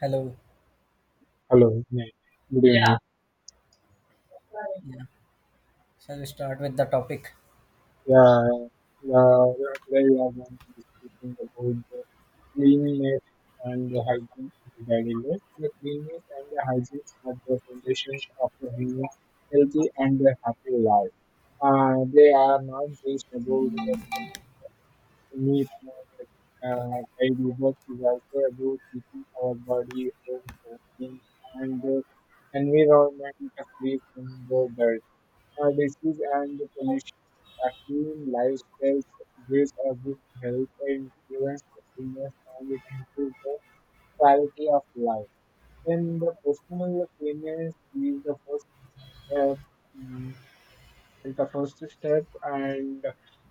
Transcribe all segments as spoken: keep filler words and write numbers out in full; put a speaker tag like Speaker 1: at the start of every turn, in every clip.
Speaker 1: Hello.
Speaker 2: Hello. Yeah. Good, yeah, evening.
Speaker 1: Yeah. Shall we start with the topic?
Speaker 2: Yeah. Uh, yeah, today we are going to discussing about the cleanness and the hygiene in the daily life. The cleanness and the hygiene are the foundations of a human healthy and a happy life. Uh, they are not just about meat and uh, daily work is also about keeping our body home for things and the environment free from the dirt, uh, disease and the pollution. A clean lifestyle gives a good health and prevents the illness, and it improves the quality of life. Then the personal cleanliness is the first step. Mm-hmm. Is the first step, and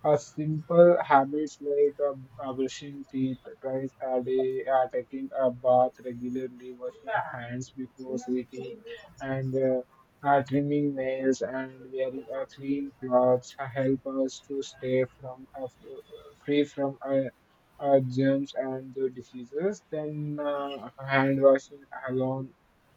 Speaker 2: a simple habits like uh, uh, brushing teeth twice a day, uh, taking a bath regularly, washing hands before eating, and uh, uh, trimming nails and wearing uh, clean clothes uh, help us to stay from uh, f- free from uh, uh, germs and uh, diseases. Then uh, hand washing alone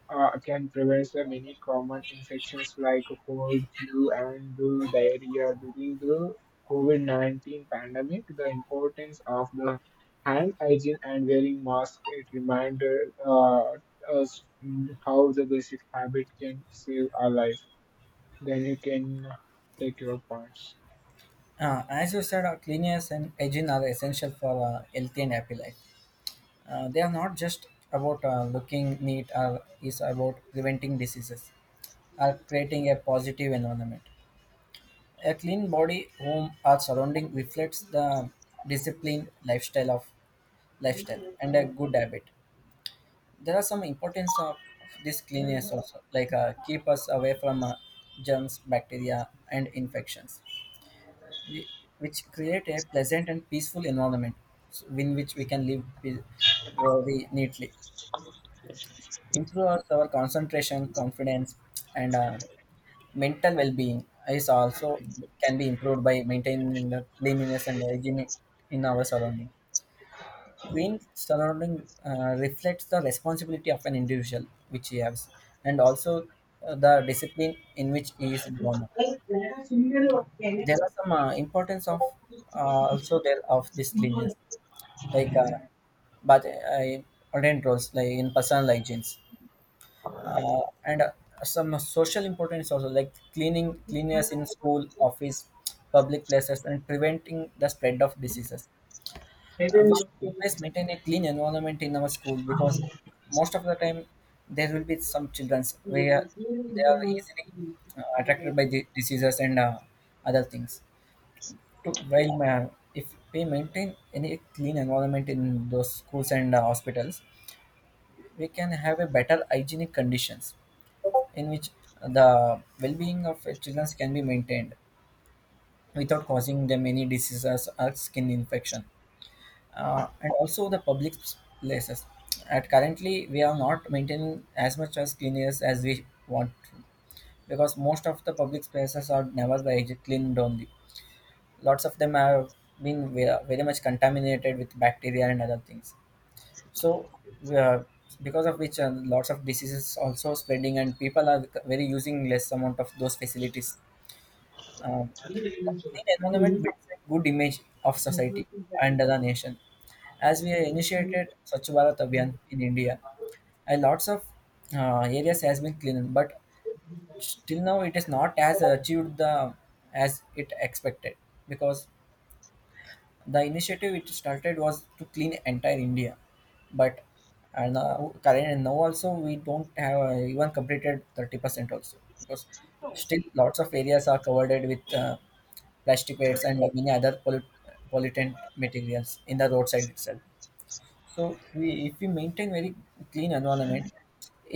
Speaker 2: uh, can prevent the many common infections like cold, flu, and the diarrhea during the COVID nineteen pandemic. The importance of the hand hygiene and wearing masks, it reminded uh, us, mm, how the basic habit can save our life. Then you can take your points.
Speaker 1: Uh, as you said, uh, cleanliness and hygiene are essential for a healthy and happy life. Uh, they are not just about uh, looking neat, or is about preventing diseases or creating a positive environment. A clean body, home, or surrounding reflects the discipline lifestyle of lifestyle and a good habit. There are some importance of this cleanliness also, like uh, keep us away from uh, germs, bacteria, and infections we, which create a pleasant and peaceful environment so in which we can live pe- very neatly improves our our concentration confidence and uh, mental well-being is also can be improved by maintaining the cleanliness and hygiene in our surrounding clean surrounding uh, reflects the responsibility of an individual which he has, and also uh, the discipline in which he is grown up. There are some uh, importance of uh, also there of this cleanliness, like uh, but I ordained roles like in personal hygiene, uh, and uh, some social importance also, like cleaning cleanliness in school office public places and preventing the spread of diseases. Uh, we should always maintain a clean environment in our school because most of the time there will be some children where
Speaker 2: Yeah,
Speaker 1: they are easily uh, attracted by the diseases and uh, other things to while ma- if we maintain any clean environment in those schools and uh, hospitals, we can have a better hygienic conditions in which the well-being of children can be maintained without causing them any diseases or skin infection. Uh, and also the public places at currently we are not maintaining as much as cleanliness as we want to, because most of the public spaces are never very hyg- cleaned only. Lots of them have been ve- very much contaminated with bacteria and other things, so uh, because of which uh, lots of diseases also spreading and people are very using less amount of those facilities. um, Clean environment builds a good image of society and the nation. As we initiated Swachh Bharat Abhiyan in India, a lots of uh, areas has been cleaned, but still now it is not as achieved the as it expected, because the initiative it started was to clean entire India, but and now current and now also we don't have uh, even completed thirty percent also, because still lots of areas are covered with uh, plastic waste and many other pollut pollutant materials in the roadside itself. So we, if we maintain very clean environment,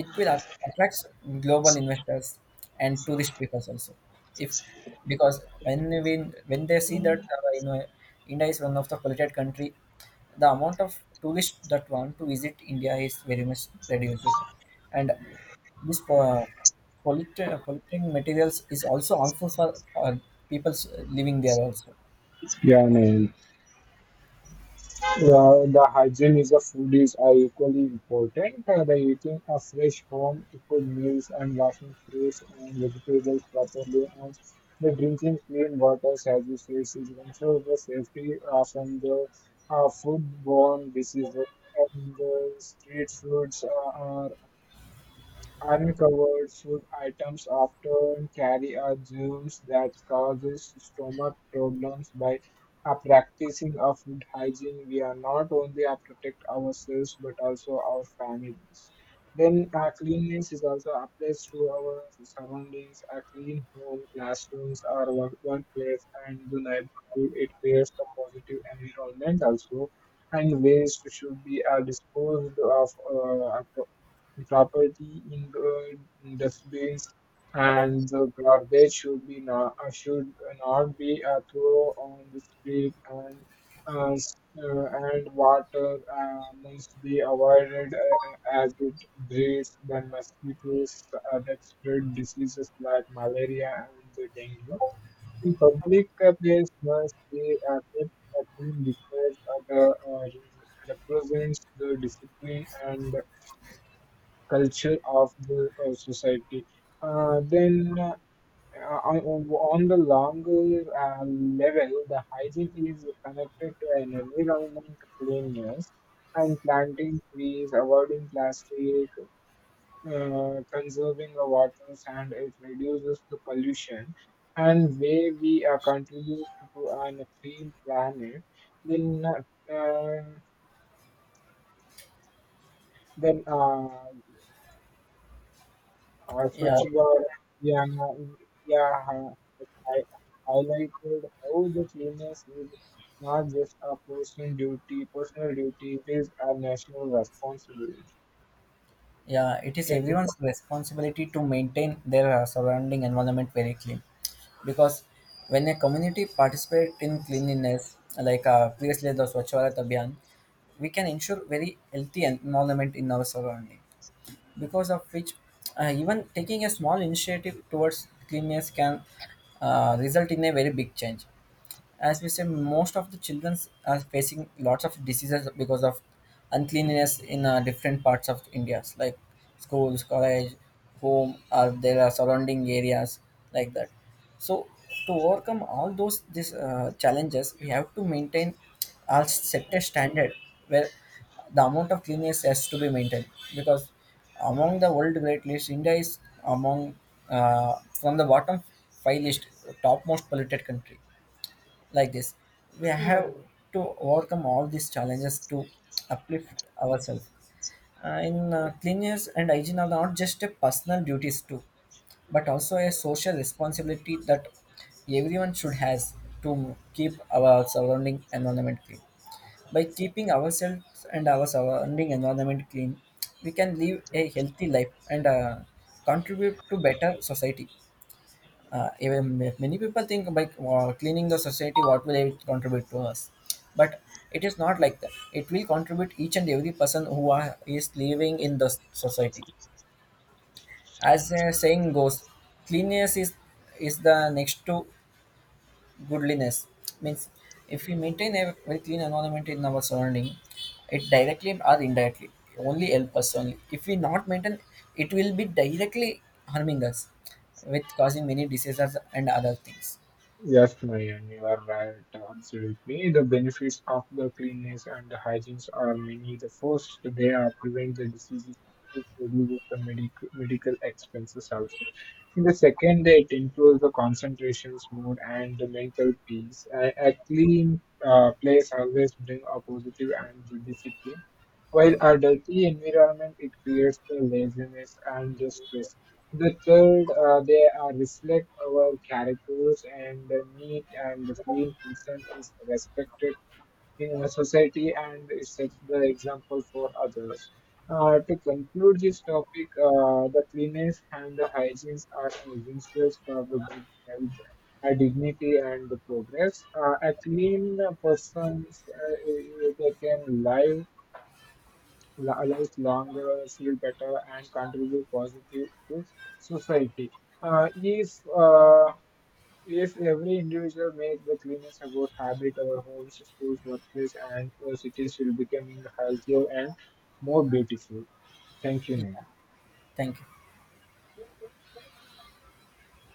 Speaker 1: it will at- attract global investors and tourist people also. If because when we When they see that uh, you know India is one of the polluted country, the amount of tourists that want to visit India is very much reduced, and this uh, polluting, polluting materials is also harmful for uh, people living there also.
Speaker 2: man. Uh, the hygiene is of food is are equally important. Uh, the eating a fresh, home cooked meals and washing fruits and vegetables properly and the drinking clean water, as you say, is also the safety uh, from the uh, foodborne diseases and the street foods. Uh, are. Uncovered food items often carry a germs that causes stomach problems. By a practicing of food hygiene, we are not only a protect ourselves but also our families. Then uh, cleanliness is also applies to our surroundings, a clean home, classrooms, our work, workplace, and the neighborhood. It creates a positive environment also, and waste should be uh, disposed of uh, appro- property in the dustbins, and the garbage should be not uh, should not be uh, thrown on the street, and uh, s- uh, and water uh, must be avoided, uh, uh, as it breeds the mosquitoes uh, that spread diseases like malaria and the dengue. The public uh, place must be uh, kept uh, clean, because uh, the uh, represents the discipline and culture of the uh, society. Uh, then, uh, uh, on on the longer uh, level, the hygiene is connected to an environment cleanliness, and planting trees, avoiding plastic, uh, conserving the waters, and it reduces the pollution. And way we uh, contribute to an clean planet, then uh, then. Uh, Uh,
Speaker 1: Yeah,
Speaker 2: Swachh Bharat India ha- has highlighted how the cleanliness is not just a personal duty, personal duty, it is a national responsibility.
Speaker 1: Yeah, it is
Speaker 2: Can you?
Speaker 1: everyone's responsibility to maintain their uh, surrounding environment very clean. Because when a community participate in cleanliness, like uh, previously the Swachh Bharat Abhiyan, we can ensure very healthy environment in our surrounding. Because of which, uh, even taking a small initiative towards cleanliness can uh, result in a very big change. As we say, most of the children are facing lots of diseases because of uncleanliness in uh, different parts of india, like schools college home or there are surrounding areas like that. So to overcome all those these uh, challenges, we have to maintain our set a standard where the amount of cleanliness has to be maintained, because among the world great list india is among uh, from the bottom five list topmost polluted country. Like this, we have to overcome all these challenges to uplift ourselves. Uh, in uh, Cleanliness and hygiene are not just a personal duties too, but also a social responsibility that everyone should has to keep our surrounding environment clean. By keeping ourselves and our surrounding environment clean, we can live a healthy life and uh, contribute to better society. Uh, even if many people think by uh, cleaning the society what will it contribute to us, but it is not like that, it will contribute each and every person who are, is living in the s- society. As the saying goes, cleanliness is is the next to goodliness, means if we maintain a very clean environment in our surrounding, it directly or indirectly only help us. Only if we not maintain, it will be directly harming us with causing many diseases and other things.
Speaker 2: Yes, Nayan, you are right. Absolutely. The benefits of the cleanliness and the hygiene are many. The first, they are prevent the diseases, and it reduces the medical medical expenses also. In the second, it improves the concentrations, mood, and the mental peace. A, a clean uh, place always bring a positive and the discipline. While a dirty environment, it creates the laziness and the stress. The third, uh, they are reflect our characters, and the neat and the clean person is respected in our society, and it sets the example for others. Uh, to conclude this topic, uh, the cleanliness and the hygiene are essentials for the good health, uh, dignity, and the progress. Uh, a clean person uh, they can live la- life longer, feel better, and contribute positive to society. Uh, if uh, if every individual make the cleanest about habit, our homes, schools, workplace, and uh, cities will becoming healthier and more beautiful. Thank you, Nain.
Speaker 1: Thank you.